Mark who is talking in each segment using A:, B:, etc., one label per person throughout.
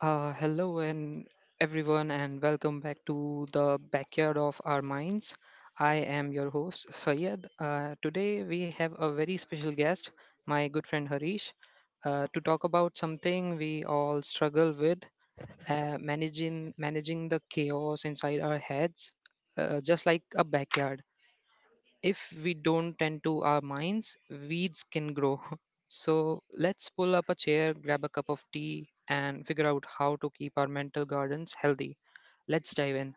A: Hello and everyone and welcome back to the backyard of our minds. I am your host Sayed. Today we have a very special guest, my good friend Harish, to talk about something we all struggle with, managing the chaos inside our heads, just like a backyard if we don't tend to our minds, weeds can grow. So let's pull up a chair, grab a cup of tea, and figure out how to keep our mental gardens healthy. Let's dive in.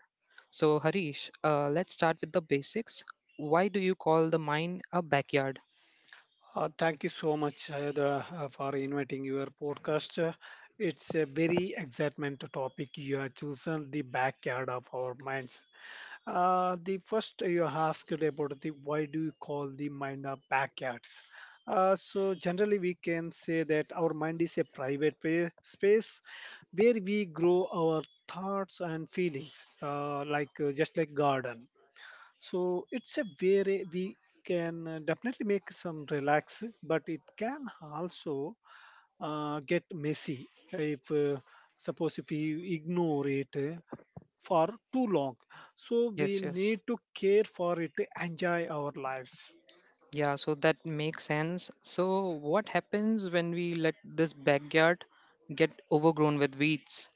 A: So, Harish, let's start with the basics. Why do you call the mind a backyard?
B: Thank you so much for inviting your podcast. It's a very excitement topic you have chosen, the backyard of our minds. The first you asked about the why do you call the mind a backyards? So generally we can say that our mind is a private space where we grow our thoughts and feelings, just like garden. So it's a way we can definitely make some relax, but it can also get messy if suppose if we ignore it for too long. So we
A: Yes, yes.
B: need to care for it, enjoy our lives.
A: Yeah, so that makes sense. So, what happens when we let this backyard get overgrown with weeds?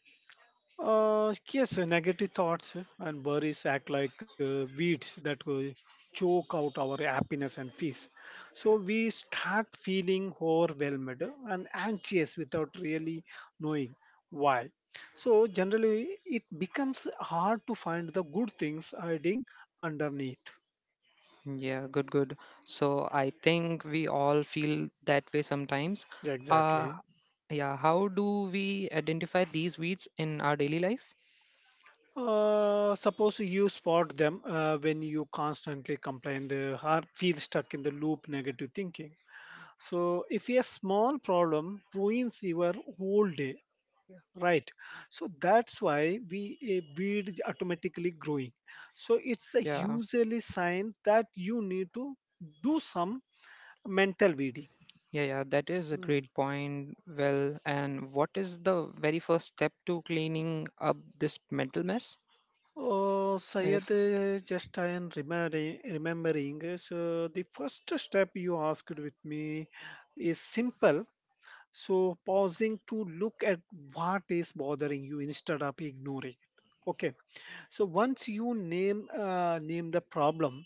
B: Yes, Negative thoughts and worries act like weeds that will choke out our happiness and peace. So we start feeling overwhelmed and anxious without really knowing why. So generally, it becomes hard to find the good things hiding underneath.
A: Yeah, good, good. So I think we all feel that way sometimes. Uh,
B: Exactly.
A: yeah, how do we identify these weeds in our daily life?
B: Suppose you spot them when you constantly complain, or feel stuck in the loop, negative thinking. So if a small problem ruins your whole day, right? So that's why we a beard is automatically growing. So it's a
A: Yeah,
B: usually sign that you need to do some mental weeding.
A: yeah, yeah, that is a great
B: Mm.
A: point. Well, and what is the very first step to cleaning up this mental mess?
B: Oh,
A: If
B: Sayed, just I am remembering. So the first step you asked with me is simple. So pausing to look at what is bothering you instead of ignoring it. Okay. So once you name the problem,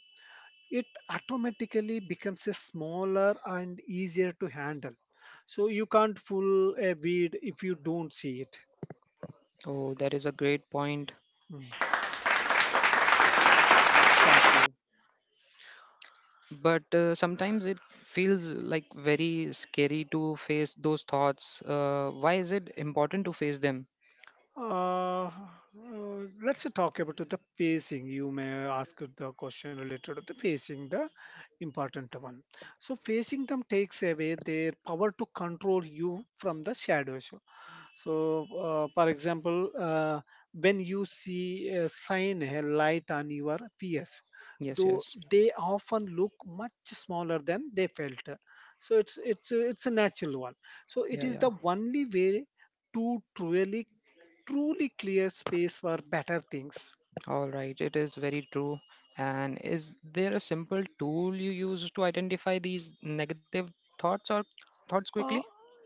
B: it automatically becomes a smaller and easier to handle. So you can't fool a weed if you don't see it.
A: Oh, that is a great point.
B: Mm. Thank you.
A: But sometimes it feels like very scary to face those thoughts. Why is it important to face them?
B: Uh, uh, let's talk about the pacing. You may ask the question related to the pacing, the important one. So facing them takes away their power to control you from the shadows. So, for example, when you see a sign a light on your PS,
A: Yes,
B: though
A: yes.
B: they often look much smaller than they felt. So it's a natural one. So it
A: Yeah,
B: is
A: yeah.
B: the only way to truly truly clear space for better things.
A: All right, it is very true. And is there a simple tool you use to identify these negative thoughts or thoughts quickly?
B: Uh,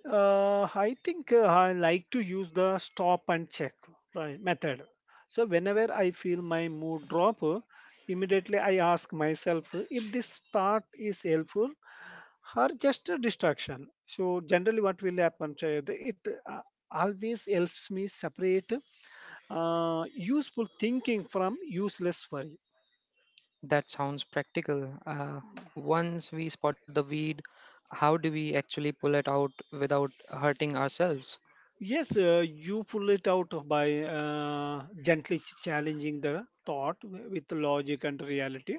B: I think I like to use the stop and check, right, method. So whenever I feel my mood drop, immediately I ask myself if this thought is helpful or just a distraction. So generally, what will happen? Chayad, it uh, always helps me separate useful thinking from useless worry.
A: That sounds practical. Once we spot the weed, how do we actually pull it out without hurting ourselves?
B: Yes, you pull it out by gently challenging the thought with logic and reality.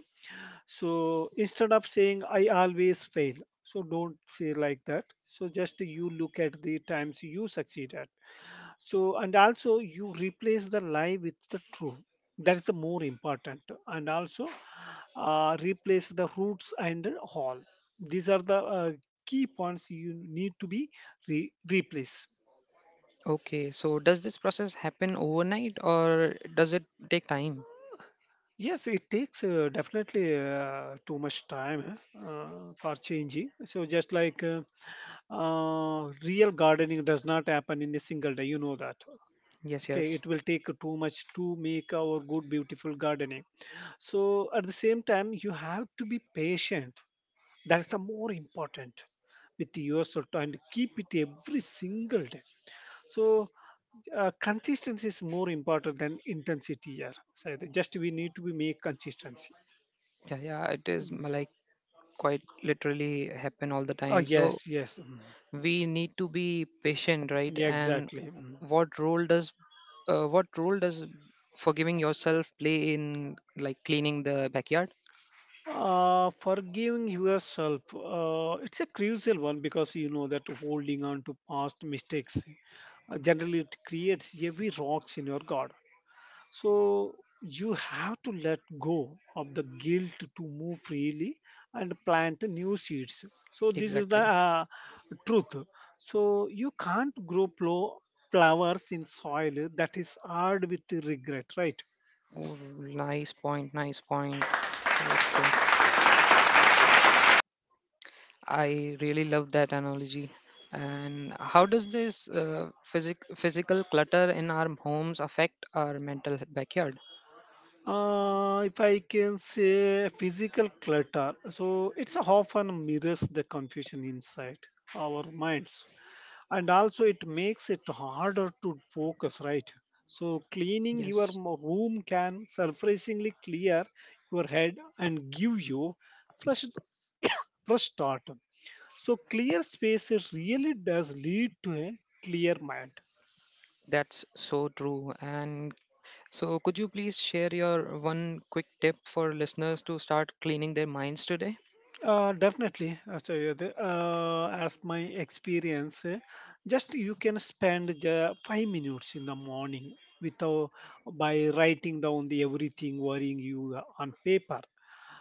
B: So instead of saying I always fail, so don't say like that. So just you look at the times you succeed at. So and also you replace the lie with the true. That's the more important. And also replace the roots and the whole. These are the key points you need to be replaced.
A: Okay, so does this process happen overnight or does it take time?
B: Yes, it takes definitely too much time eh, uh, for changing. So just like real gardening does not happen in a single day, you know that
A: Yes,
B: okay
A: yes.
B: it will take too much to make our good beautiful gardening. So at the same time you have to be patient, that's the more important, with yourself and keep it every single day. So consistency is more important than intensity here, so just we need to be make consistency. Mm.
A: Like quite literally happen all the
B: Oh,
A: time. So
B: yes, yes. Mm.
A: we need to be patient, right?
B: Yeah,
A: And
B: exactly. Mm.
A: what role does, uh, what role does, forgiving yourself play in like cleaning the backyard?
B: Forgiving yourself, it's a crucial one because you know that holding on to past mistakes generally it creates heavy rocks in your garden. So you have to let go of the guilt to move freely and plant new seeds. So this is the
A: Exactly.
B: truth. So you can't grow flowers in soil that is hard with regret, right?
A: Oh, nice point, nice point, I would say. I really love that analogy. And how does this physical clutter in our homes affect our mental backyard?
B: If I can say physical clutter, so it's often mirrors the confusion inside our minds, and also it makes it harder to focus, right? So cleaning your
A: Yes,
B: room can surprisingly clear your head and give you fresh fresh start. So clear space really does lead to a clear mind.
A: that's so true. And so, could you please share your one quick tip for listeners to start cleaning their minds today?
B: Definitely, Acharya. As my experience, just you can spend 5 minutes in the morning without by writing down the everything worrying you are on paper.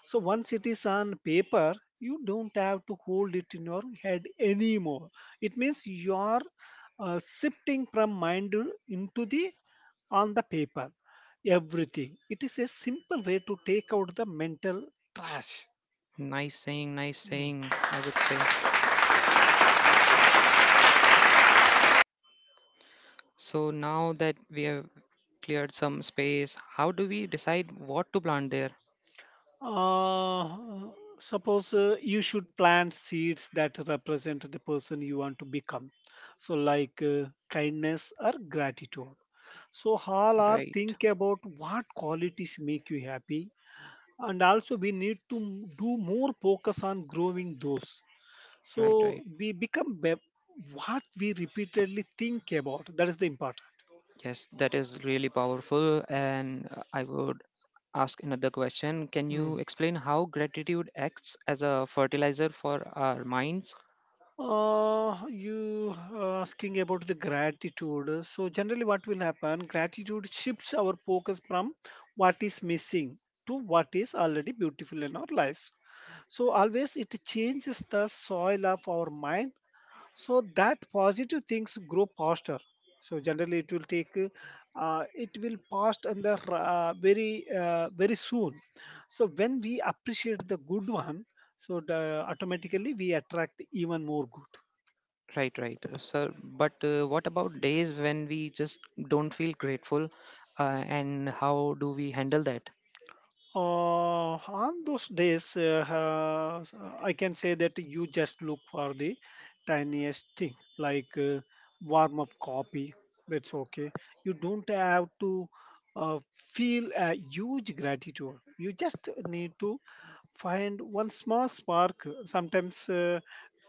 B: So once it is on paper, you don't have to hold it in your head anymore. It means you are shifting from mind into the on the paper everything. It is a simple way to take out the mental trash.
A: Nice
B: Hmm.
A: saying, I would say. So, now that we have cleared some space, how do we decide what to plant there?
B: Uh, suppose you should plant seeds that represent the person you want to become. So, like kindness or gratitude. So, all are
A: Right,
B: think about what qualities make you happy, and also we need to do more focus on growing those.
A: right, right.
B: So, we become what we repeatedly think about. That is the important.
A: Yes, that is really powerful. And I would ask another question. Can
B: Hmm.
A: you explain how gratitude acts as a fertilizer for our minds?
B: You asking about the gratitude. So generally, what will happen? Gratitude shifts our focus from what is missing to what is already beautiful in our lives. So always it changes the soil of our mind so that positive things grow faster. So generally, it will take, it will past and the very soon. So when we appreciate the good one, so the, automatically we attract even more good.
A: Right, right, sir. But what about days when we just don't feel grateful, and how do we handle that?
B: On those days, I can say that you just look for the tiniest thing, like warm up coffee. That's okay. You don't have to feel a huge gratitude. You just need to find one small spark. Sometimes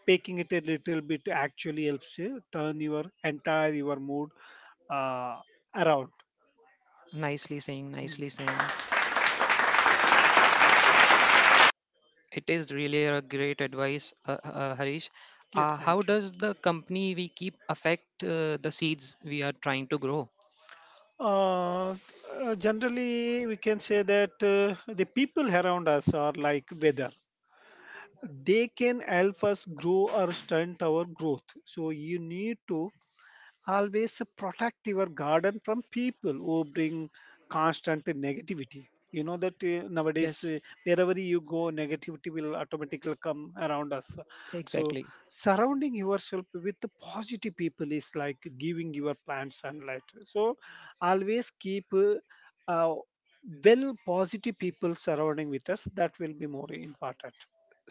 B: baking it a little bit actually helps you turn your entire your mood uh, around.
A: Nicely saying, nicely saying.
B: Mm.
A: It is really a great advice, Harish.
B: Yeah,
A: How
B: thank you.
A: does the company we keep affect the seeds we are trying to grow?
B: Uh, Generally, we can say that the people around us are like weather. They can help us grow or stunt our growth. So you need to always protect your garden from people who bring constant negativity, you know that nowadays
A: Yes,
B: wherever you go negativity will automatically come around us. So
A: exactly.
B: surrounding yourself with the positive people is like giving your plant sunlight, so always keep uh, well positive people surrounding with us, that will be more important.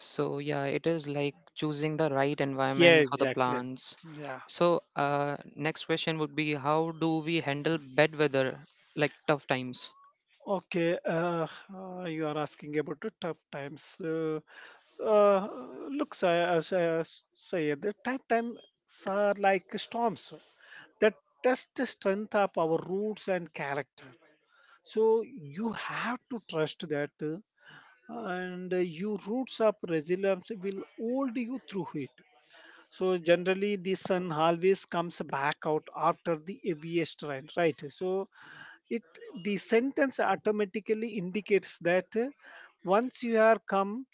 A: So yeah, it is like choosing the right
B: Yeah,
A: environment for the
B: exactly.
A: plants.
B: Yeah.
A: So next question would be, how do we handle bad weather, like tough times?
B: Okay, you are asking about the tough times. Uh, Look, say the tough times are like storms that test the strength of our roots and character. So you have to trust that, and your roots of resilience will hold you through it. So generally, the sun always comes back out after the heaviest rain, right? So it the sentence automatically indicates that once you are come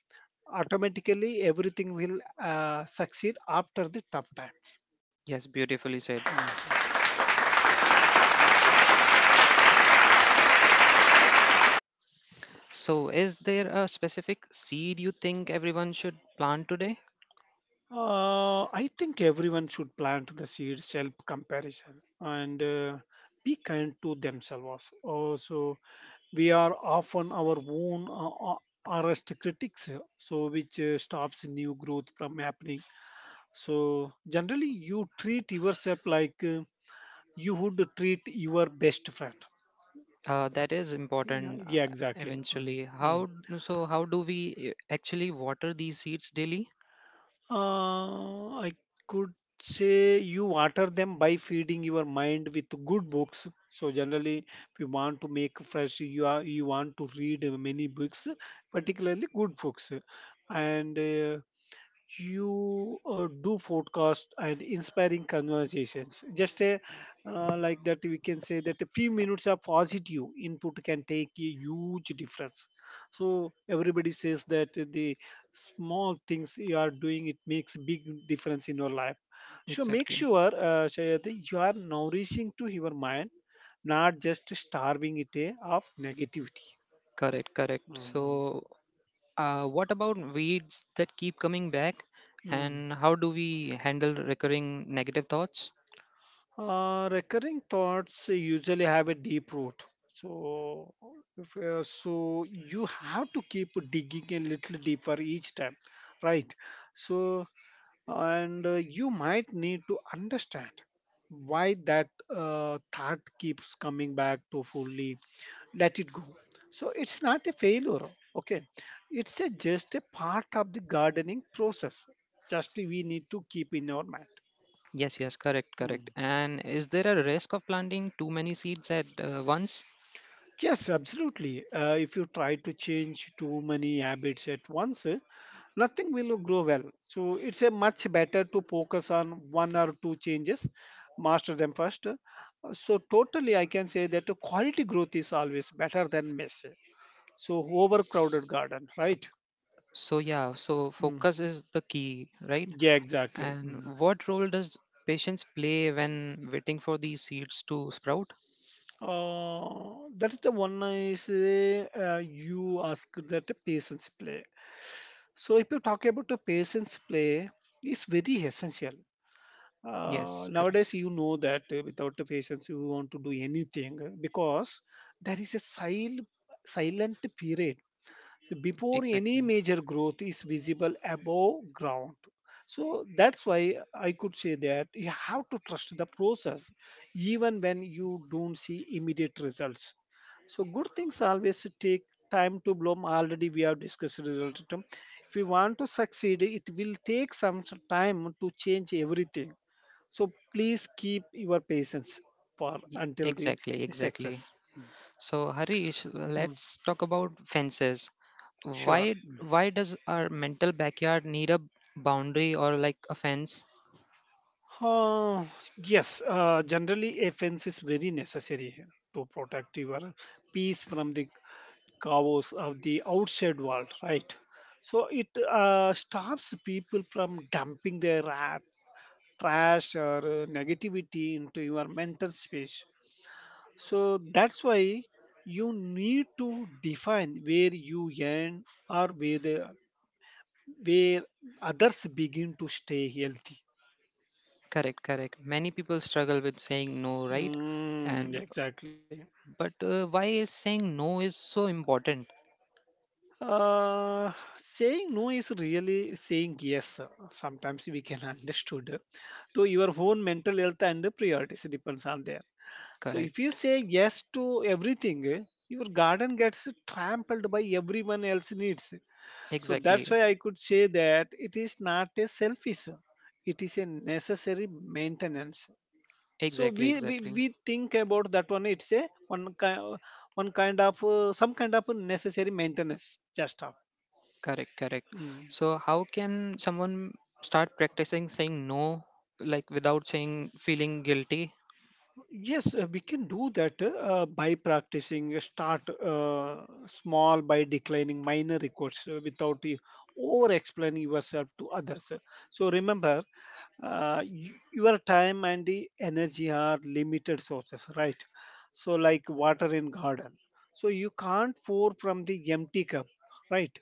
B: automatically everything will succeed after the tough times.
A: Yes, beautifully said.
B: Mhm.
A: So, is there a specific seed you think everyone should plant today?
B: I think everyone should plant the seeds self comparison and be kind to themselves. Also we are often our own arrest critics, so which stops new growth from happening. So generally you treat yourself like you would treat your best friend.
A: That is
B: Yeah,
A: important,
B: yeah, exactly. Mm,
A: eventually.
B: mm.
A: How so? How do we actually water these seeds daily?
B: I could say you water them by feeding your mind with good books. So generally, if you want to make fresh, you want to read many books, particularly good books, and. You do forecast and inspiring conversations. Just a like that we can say that a few minutes of positive input can take a huge difference. So everybody says that the small things you are doing it makes big difference in your life. So make
A: Exactly.
B: sure Shaya, that you are nourishing to your mind, not just starving it of negativity.
A: Correct, correct. So, what about weeds that keep coming back,
B: Mhm.
A: and how do we handle recurring negative thoughts?
B: Recurring thoughts usually have a deep root. So, if, so you have to keep digging a little deeper each time, right? So, and you might need to understand why that thought keeps coming back to fully let it go. So, it's not a failure, okay? It's a, just a part of the gardening process. Just we need to keep in our mind.
A: Yes, yes, correct, correct.
B: Hmm.
A: And is there a risk of planting too many seeds at once?
B: Yes, absolutely. If you try to change too many habits at once, nothing will grow well. So it's a much better to focus on one or two changes, master them first. So totally, I can say that quality growth is always better than mess. So overcrowded garden, right?
A: So, yeah, so
B: Mm.
A: focus is the key, right?
B: Yeah, exactly.
A: And
B: Mm.
A: what role does patience play when waiting for these seeds to sprout?
B: That is the one I say you ask that a patience play. So if you talk about the patience play, it's very essential.
A: Yes, correct.
B: Nowadays, you know that without the patience, you want to do anything because there is a silent period before any
A: Exactly.
B: major growth is visible above ground. So that's why I could say that you have to trust the process even when you don't see immediate results. So good things always take time to bloom. Already we have discussed result. Term. If you want to succeed, it will take some time to change everything. So please keep your patience for
A: Y-
B: until
A: exactly,
B: the
A: exactly.
B: success.
A: So, Harish,
B: Hmm,
A: let's talk about fences.
B: sure.
A: Why does our mental backyard need a boundary or like a fence?
B: Uh, yes, generally a fence is very necessary here to protect your peace from the chaos of the outside world, right? So it stops people from dumping their trash or negativity into your mental space. So that's why you need to define where you end or where others begin to stay healthy.
A: Correct, correct. Many people struggle with saying no, right?
B: Mm,
A: And
B: exactly.
A: but why is saying no is so important?
B: Saying no is really saying yes. Sometimes we can understood to your own mental health and the priorities depends on there. So if you
A: Correct.
B: say yes to everything, your garden gets trampled by everyone else needs. So that's
A: Exactly.
B: why I could say that it is not a selfish. It is a necessary maintenance. So
A: Exactly,
B: we, we,
A: exactly.
B: we think about that one. It's a one kind of some kind of necessary maintenance just of.
A: Correct, correct.
B: Mm.
A: So how can someone start practicing saying no like without saying feeling guilty?
B: Yes, we can do that by practicing. Start small by declining minor requests without over explaining yourself to others. So remember, your time and the energy are limited sources, right? So, like water in garden. So, you can't pour from the empty cup, right?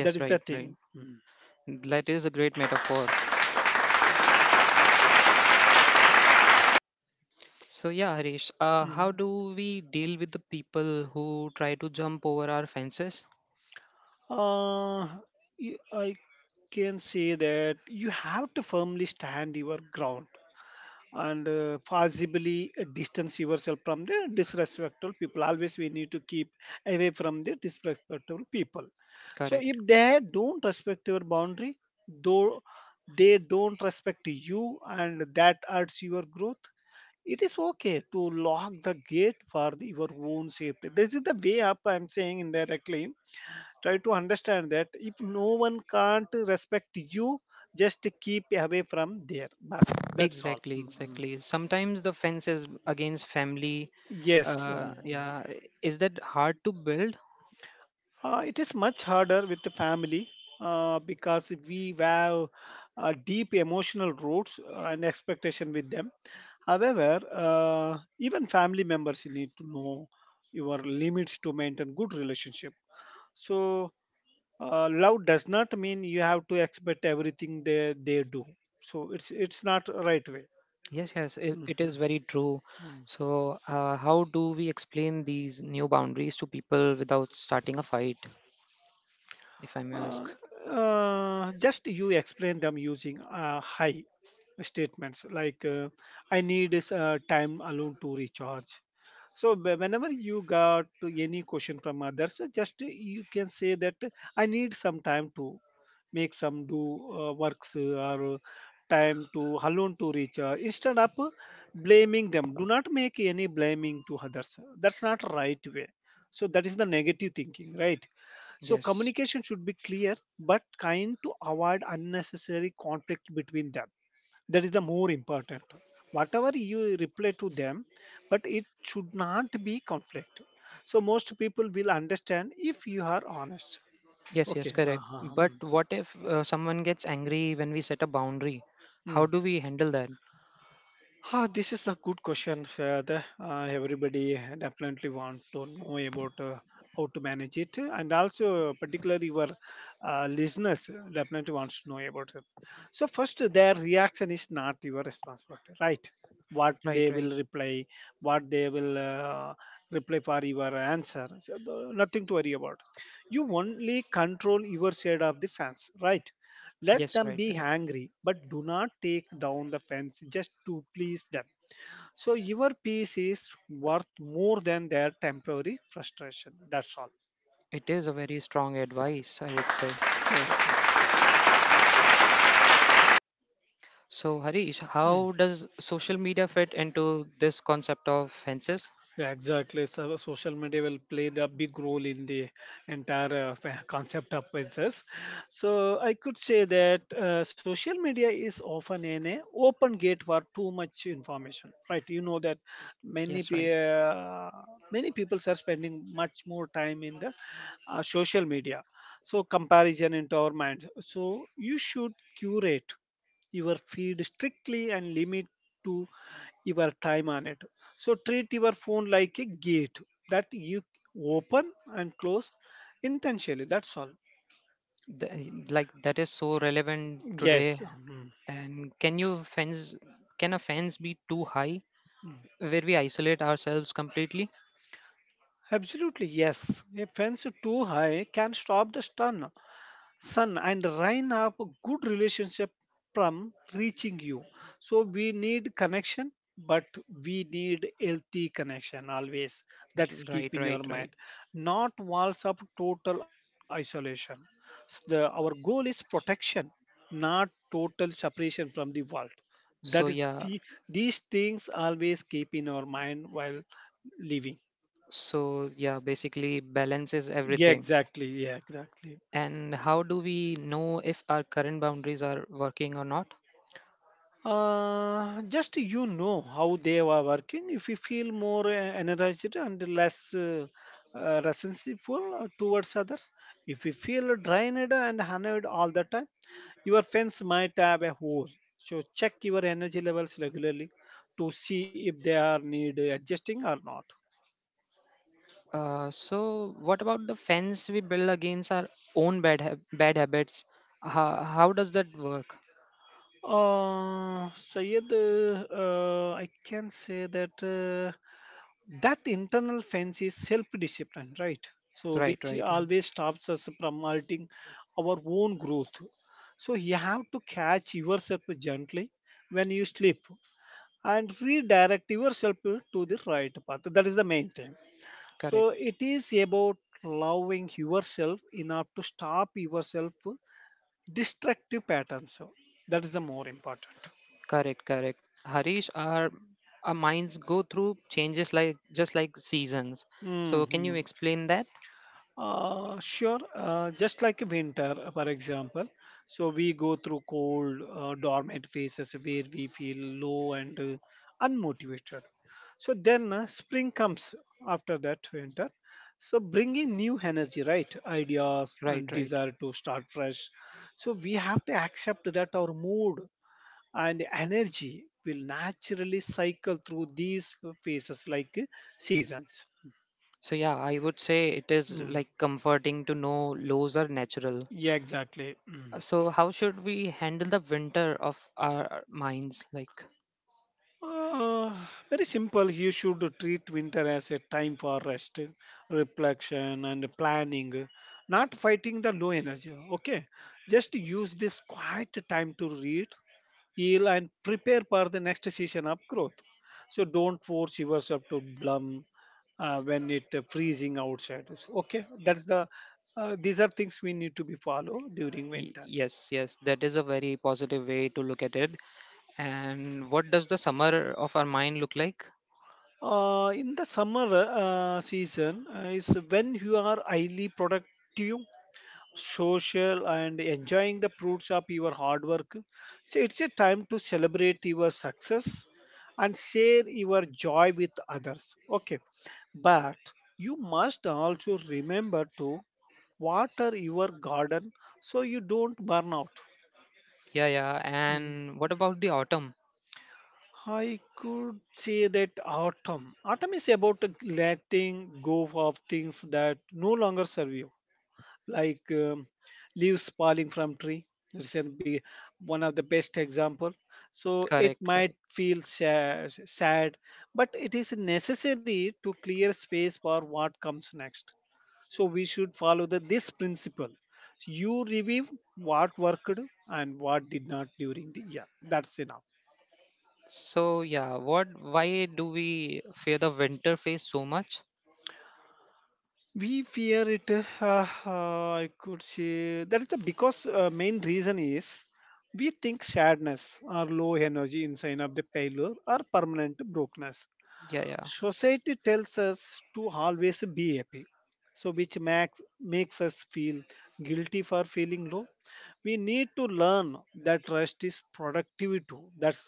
B: That is the
A: right, right.
B: thing. Mm.
A: That is a great metaphor. So yeah, Harish, how
B: Mhm.
A: do we deal with the people who try to jump over our fences?
B: Uh, I can say that you have to firmly stand your ground and possibly distance yourself from the disrespectful people, always we need to keep away from the disrespectful people, so
A: Correct.
B: if they don't respect your boundary, though they don't respect you and that hurts your growth, it is okay to lock the gate for your own safety. This is the way up I'm saying indirectly. Try to understand that if no one can't respect you, just keep away from there, Bas, that's all.
A: Exactly,
B: Mhm.
A: exactly. Sometimes the fence is against family.
B: Yes.
A: Uh,
B: um,
A: yeah, is that hard to build?
B: it is much harder with the family because we have deep emotional roots and expectation with them. However, uh, even family members you need to know your limits to maintain good relationship. So love does not mean you have to expect everything they do. So it's not right way.
A: Yes, yes, it is
B: Mhm.
A: very true.
B: Mm.
A: So, how do we explain these new boundaries to people without starting a fight, if I
B: Uh,
A: may ask?
B: just you explain them using high statements like I need is time alone to recharge. So whenever you got any question from others, just you can say that I need some time to make some do works or time to alone to reach. Instead of blaming them, do not make any blaming to others. That's not right way. So that is the negative thinking, right? So
A: Yes,
B: communication should be clear but kind to avoid unnecessary conflict between them. That is the more important. Whatever you reply to them, but it should not be conflict. So most people will understand if you are honest.
A: yes, yes,
B: Okay.
A: correct.
B: Uh-huh.
A: But
B: Hmm.
A: what if someone gets angry when we set a boundary?
B: Hmm.
A: How do we handle that?
B: Ah, this is a good question, Fahad. Everybody definitely want to know about how to manage it, and also particularly our listeners definitely wants to know about it. So first, their reaction is not your responsibility, right? What
A: Right,
B: they
A: right.
B: will reply, what they will reply for your answer. So nothing to worry about. You only control your side of the fence, right? Let
A: Yes,
B: them
A: right,
B: be
A: right.
B: angry, but do not take down the fence just to please them. So your peace is worth more than their temporary frustration. That's all.
A: It is a very strong advice, I would say.
B: Thank you.
A: So, Harish,
B: Mhm.
A: how does social media fit into this concept of fences?
B: Yeah, exactly. So social media will play the big role in the entire concept of business. So I could say that social media is often an open gate for too much information, right? You know that many
A: Yes, right.
B: pe- uh, many people are spending much more time in the social media. So comparison into our minds. So you should curate your feed strictly and limit to your time on it. So treat your phone like a gate that you open and close intentionally. That's all.
A: Th- like that is so relevant today.
B: Yes. Mhm.
A: And can you fence? Can a fence be too high where we isolate ourselves completely?
B: Absolutely, yes. A fence too high can stop the stun. Sun and rain have a good relationship from reaching you. So we need connection, but we need healthy connection always. That's keep
A: Right,
B: in your
A: right, right.
B: mind, not walls of total isolation. The our goal is protection, not total separation from the world. That
A: So
B: is
A: yeah,
B: the these things always keep in our mind while living.
A: so yeah, basically balance is
B: Yeah,
A: everything.
B: exactly. Yeah, exactly.
A: And how do we know if our current boundaries are working or not?
B: Just you know how they are working. If you feel more energized and less resentful towards others, if you feel drained and annoyed all the time, your fence might have a hole. So check your energy levels regularly to see if they are need adjusting or not.
A: So what about the fence we build against our own bad habits? How does that work?
B: Sayed, I can say that Uh, that internal fence is self-discipline, right? So
A: Right,
B: which
A: right, right.
B: always stops us from halting our own growth. So you have to catch yourself gently when you sleep and redirect yourself to the right path. That is the main thing.
A: Correct.
B: So it is about loving yourself enough to stop yourself destructive patterns. So that is the more important.
A: Correct, correct. Harish, our minds go through changes like just like seasons. So can you
B: Mhm.
A: explain that?
B: Sure. Just like winter, for example, so we go through cold, dormant phases where we feel low and unmotivated. So then spring comes after that winter. So bringing new energy, right? Ideas
A: Right,
B: and
A: right.
B: desire to start fresh. So we have to accept that our mood and energy will naturally cycle through these phases like seasons.
A: So yeah, I would say it is
B: Mm,
A: like comforting to know lows are natural.
B: yeah, exactly.
A: Uh,
B: Mm.
A: So how should we handle the winter of our minds?
B: Uh, very simple. You should treat winter as a time for rest, reflection, and planning, not fighting the low energy. Okay, just use this quiet time to read, heal, and prepare for the next season of growth. So don't force yourself to bloom when it freezing outside. Okay, that's the. These are things we need to be follow during winter.
A: Yes, yes, that is a very positive way to look at it. And what does the summer of our mind look like?
B: In the summer season is when you are highly productive, social, and enjoying the fruits of your hard work. So it's a time to celebrate your success and share your joy with others. Okay, but you must also remember to water your garden so you don't burn out.
A: Yeah, yeah.
B: Hmm.
A: And what about the autumn?
B: I could say that autumn. Autumn is about letting go of things that no longer serve you, like leaves falling from tree. This can be one of the best example. So
A: Correct,
B: it might
A: correct.
B: feel sad, but it is necessary to clear space for what comes next. So we should follow this principle. You review what worked and what did not during the year. That's enough.
A: So yeah, what why do we fear the winter phase so much?
B: We fear it. I could say that's the because main reason is we think sadness or low energy inside of the failure or permanent brokenness.
A: Yeah, yeah.
B: Society tells us to always be happy, so which makes us feel guilty for feeling low. We need to learn that rest is productivity too. That's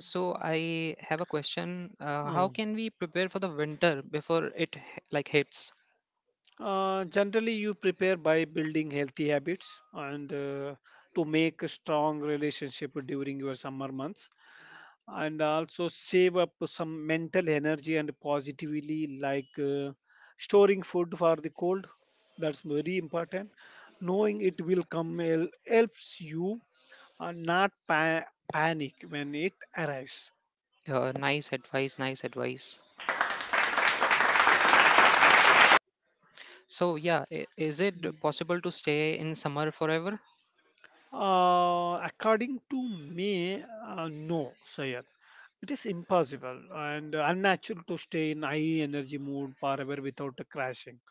A: So I have a question. How
B: uh,
A: can we prepare for the winter before it like hits?
B: Generally, you prepare by building healthy habits and to make a strong relationship during your summer months, and also save up some mental energy and positively, like storing food for the cold. That's very important. Knowing it will come helps you not panic when it arrives.
A: Nice advice, nice advice. So yeah, is it possible to stay in summer forever?
B: According to me, no, Sayed. It is impossible and unnatural to stay in high energy mode forever without a crashing.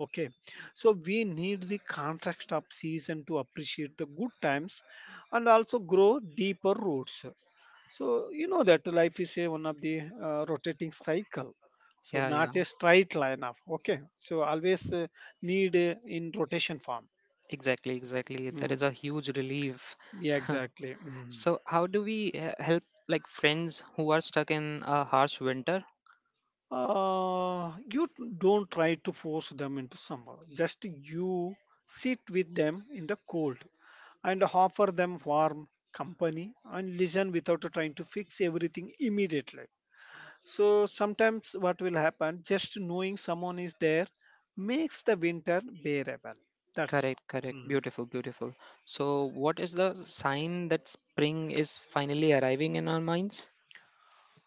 B: Okay, so we need the contrast of season to appreciate the good times and also grow deeper roots. So you know that life is a one of the rotating cycle. So
A: Yeah, yeah.
B: not a straight line up. Okay, so always need in rotation form.
A: Exactly, exactly. That
B: Mm,
A: is a huge relief.
B: yeah, exactly. Mm.
A: So how do we help like friends who are stuck in a harsh winter?
B: You don't try to force them into summer. Just you sit with them in the cold and offer them warm company and listen without trying to fix everything immediately. So sometimes what will happen, just knowing someone is there makes the winter bearable. That's
A: Correct, correct.
B: mm.
A: Beautiful, beautiful. So, what is the sign that spring is finally arriving in our minds?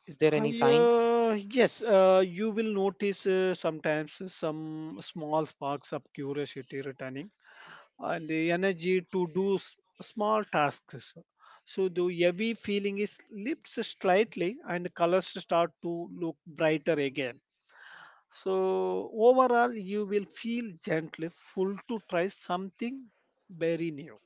A: Is there any signs?
B: Yes, you will notice sometimes some small sparks of curiosity returning and the energy to do small tasks. So the heavy feeling is lifts slightly and colors start to look brighter again. So overall, you will feel gently full to try something very new.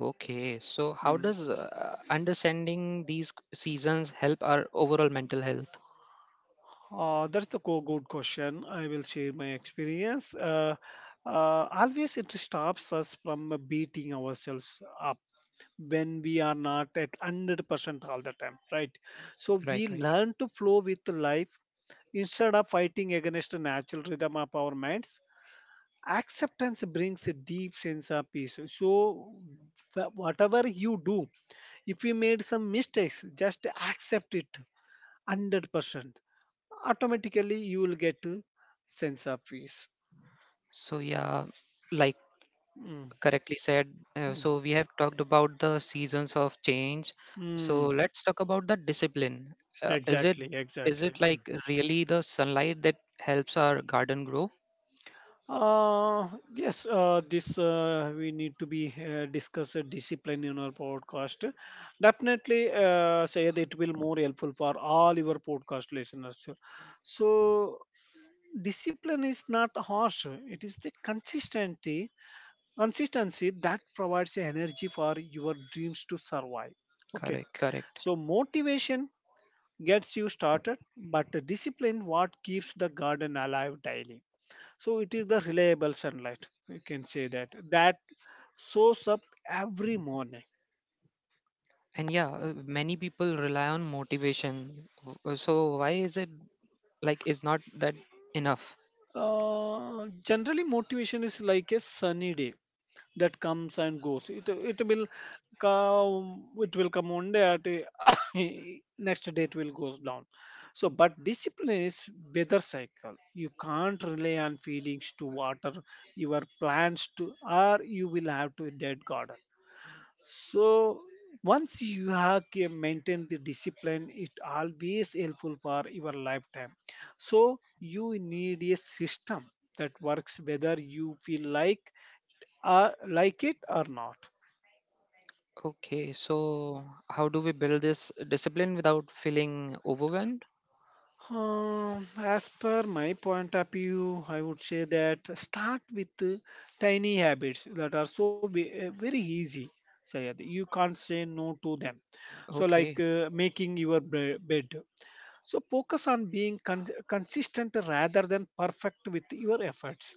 A: Okay, so how
B: Mm.
A: does understanding these seasons help our overall mental health?
B: That's the good question. I will share my experience. Always it stops us from beating ourselves up when we are not at 100% all the time, right? So we
A: Right, right.
B: learn to flow with life instead of fighting against the natural rhythm of our minds. Acceptance brings a deep sense of peace. So, whatever you do, if you made some mistakes, just accept it 100%. Automatically, you will get a sense of peace.
A: So, yeah, like
B: Mm,
A: correctly said,
B: mm,
A: so we have talked about the seasons of change. So,
B: mm.
A: let's talk about the discipline. Uh, is it
B: Exactly,
A: is
B: exactly.
A: it like
B: Mm.
A: really the sunlight that helps our garden grow?
B: Uh, yes, this we need to be discuss discipline in our podcast. Definitely, say it will more helpful for all your podcast listeners. So, discipline is not harsh; it is the consistency, consistency that provides the energy for your dreams to survive. Okay,
A: Correct, correct.
B: so motivation gets you started, but the discipline what keeps the garden alive daily, so it is the reliable sunlight. You can say that that shows up every morning.
A: And yeah, many people rely on motivation. So why is it like is not that enough?
B: Generally, motivation is like a sunny day that comes and goes. It will come. It will come one day at a- next day it will goes down. So, but discipline is weather cycle. You can't rely on feelings to water your plants to, or you will have to a dead garden. So once you have ca- maintained the discipline, it always helpful for your lifetime. So you need a system that works whether you feel like it or not.
A: Okay, so how do we build this discipline without feeling overwhelmed?
B: As per my point of view, I would say that start with tiny habits that are so ve- very easy. Sayad. You can't say no to them. So, like
A: Okay.
B: making your bre- bed. So focus on being con- consistent rather than perfect with your efforts.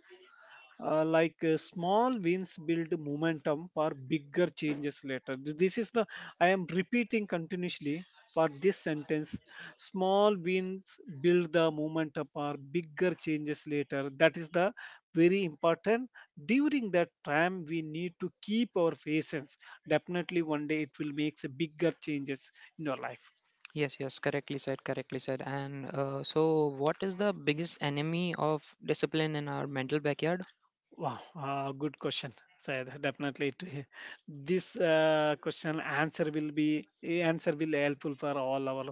B: Like small wins build momentum for bigger changes later. This is the I am repeating continuously for this sentence. Small wins build the momentum for bigger changes later. That is the very important. During that time, we need to keep our patience. Definitely, one day it will make bigger changes in your life.
A: Yes, yes, correctly said, correctly said. And so what is the biggest enemy of discipline in our mental backyard?
B: Wow, good question, Sayed. Definitely, it- this question answer will be answer will helpful for all our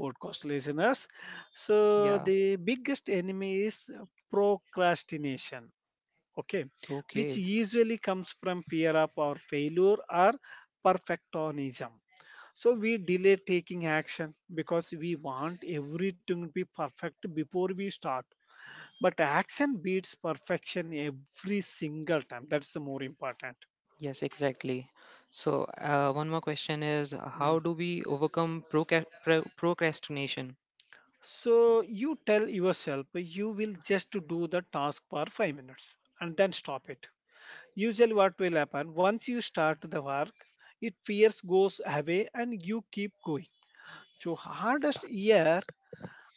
B: podcast listeners. So
A: Yeah,
B: the biggest enemy is procrastination. Okay, which
A: okay.
B: usually comes from fear of our failure or perfectionism. So we delay taking action because we want everything to be perfect before we start, but action beats perfection every single time. That's the more important.
A: Yes, exactly. So one more question is how
B: Mm.
A: do we overcome procrastination?
B: So you tell yourself you will just to do the task for 5 minutes and then stop it. Usually what will happen once you start the work, it fears goes away and you keep going. So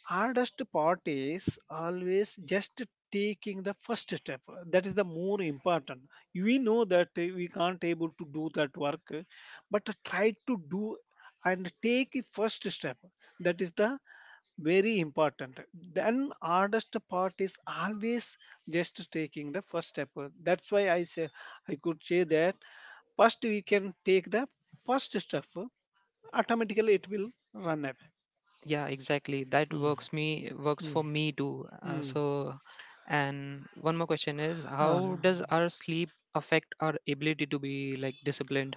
B: hardest part is always just taking the first step. That is the more important. We know that we can't able to do that work but try to do and take a first step. That is the very important. Then hardest part is always just taking the first step. That's why I say, I could say that first we can take the first step, automatically it will run away.
A: Yeah, exactly. That
B: Hmm,
A: works
B: hmm,
A: for me too.
B: hmm.
A: And one more question is,
B: Uh,
A: how does our sleep affect our ability to be like disciplined?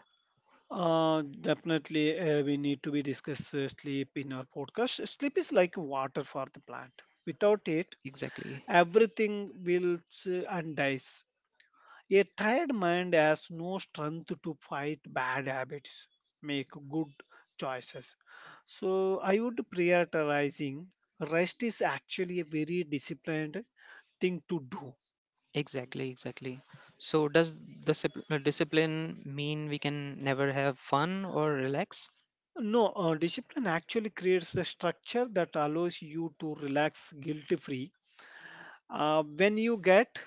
B: Definitely, we need to be discuss sleep in our podcast. Sleep is like water for the plant. Without it,
A: Exactly.
B: everything wilts and dies. A tired mind has no strength to fight bad habits, make good choices. So I would prioritizing rest is actually a very disciplined thing to do.
A: Exactly, exactly. So, does the discipline mean we can never have fun or relax?
B: No, discipline actually creates the structure that allows you to relax guilt free when you get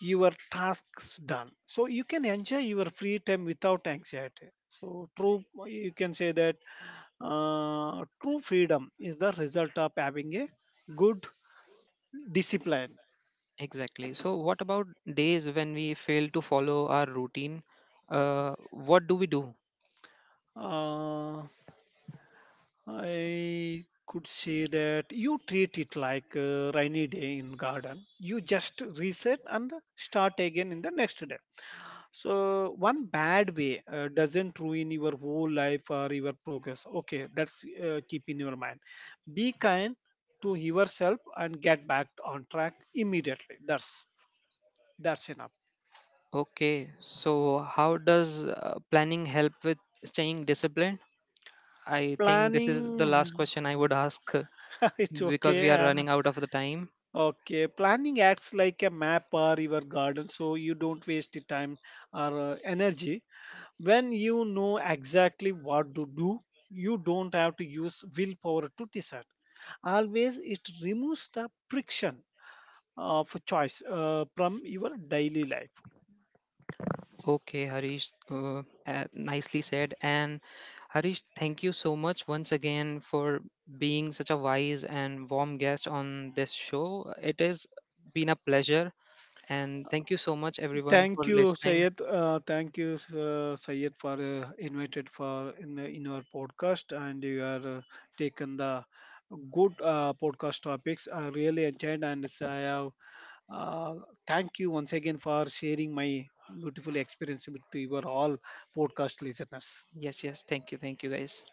B: your tasks done, so you can enjoy your free time without anxiety. So true, you can say that true freedom is the result of having a good discipline.
A: Exactly. So, what about days when we fail to follow our routine? What do we do?
B: uh, I could say that you treat it like a rainy day in garden. You just reset and start again in the next day. So one bad way doesn't ruin your whole life or your progress. Okay, that's keep in your mind. Be kind to yourself and get back on track immediately. That's enough.
A: Okay. So, how does planning help with staying disciplined? I think this is the last
B: Planning,
A: question I would ask,
B: it's
A: because we
B: okay.
A: are running out of the time.
B: Okay, planning acts like a map or your garden, so you don't waste the time or energy. When you know exactly what to do, you don't have to use willpower to decide. Always it removes the friction of choice from your daily life.
A: Okay, Harish, nicely said. And Harish, thank you so much once again for being such a wise and warm guest on this show. It has been a pleasure. And thank you so much, everyone, for
B: Thank you,
A: listening.
B: Sayed, thank you Sayed for invited for in the, in our podcast, and you are taken the good podcast topics. I really enjoyed and it's- I have uh, thank you once again for sharing my beautiful experience with your all podcast listeners.
A: Yes, yes, thank you, guys.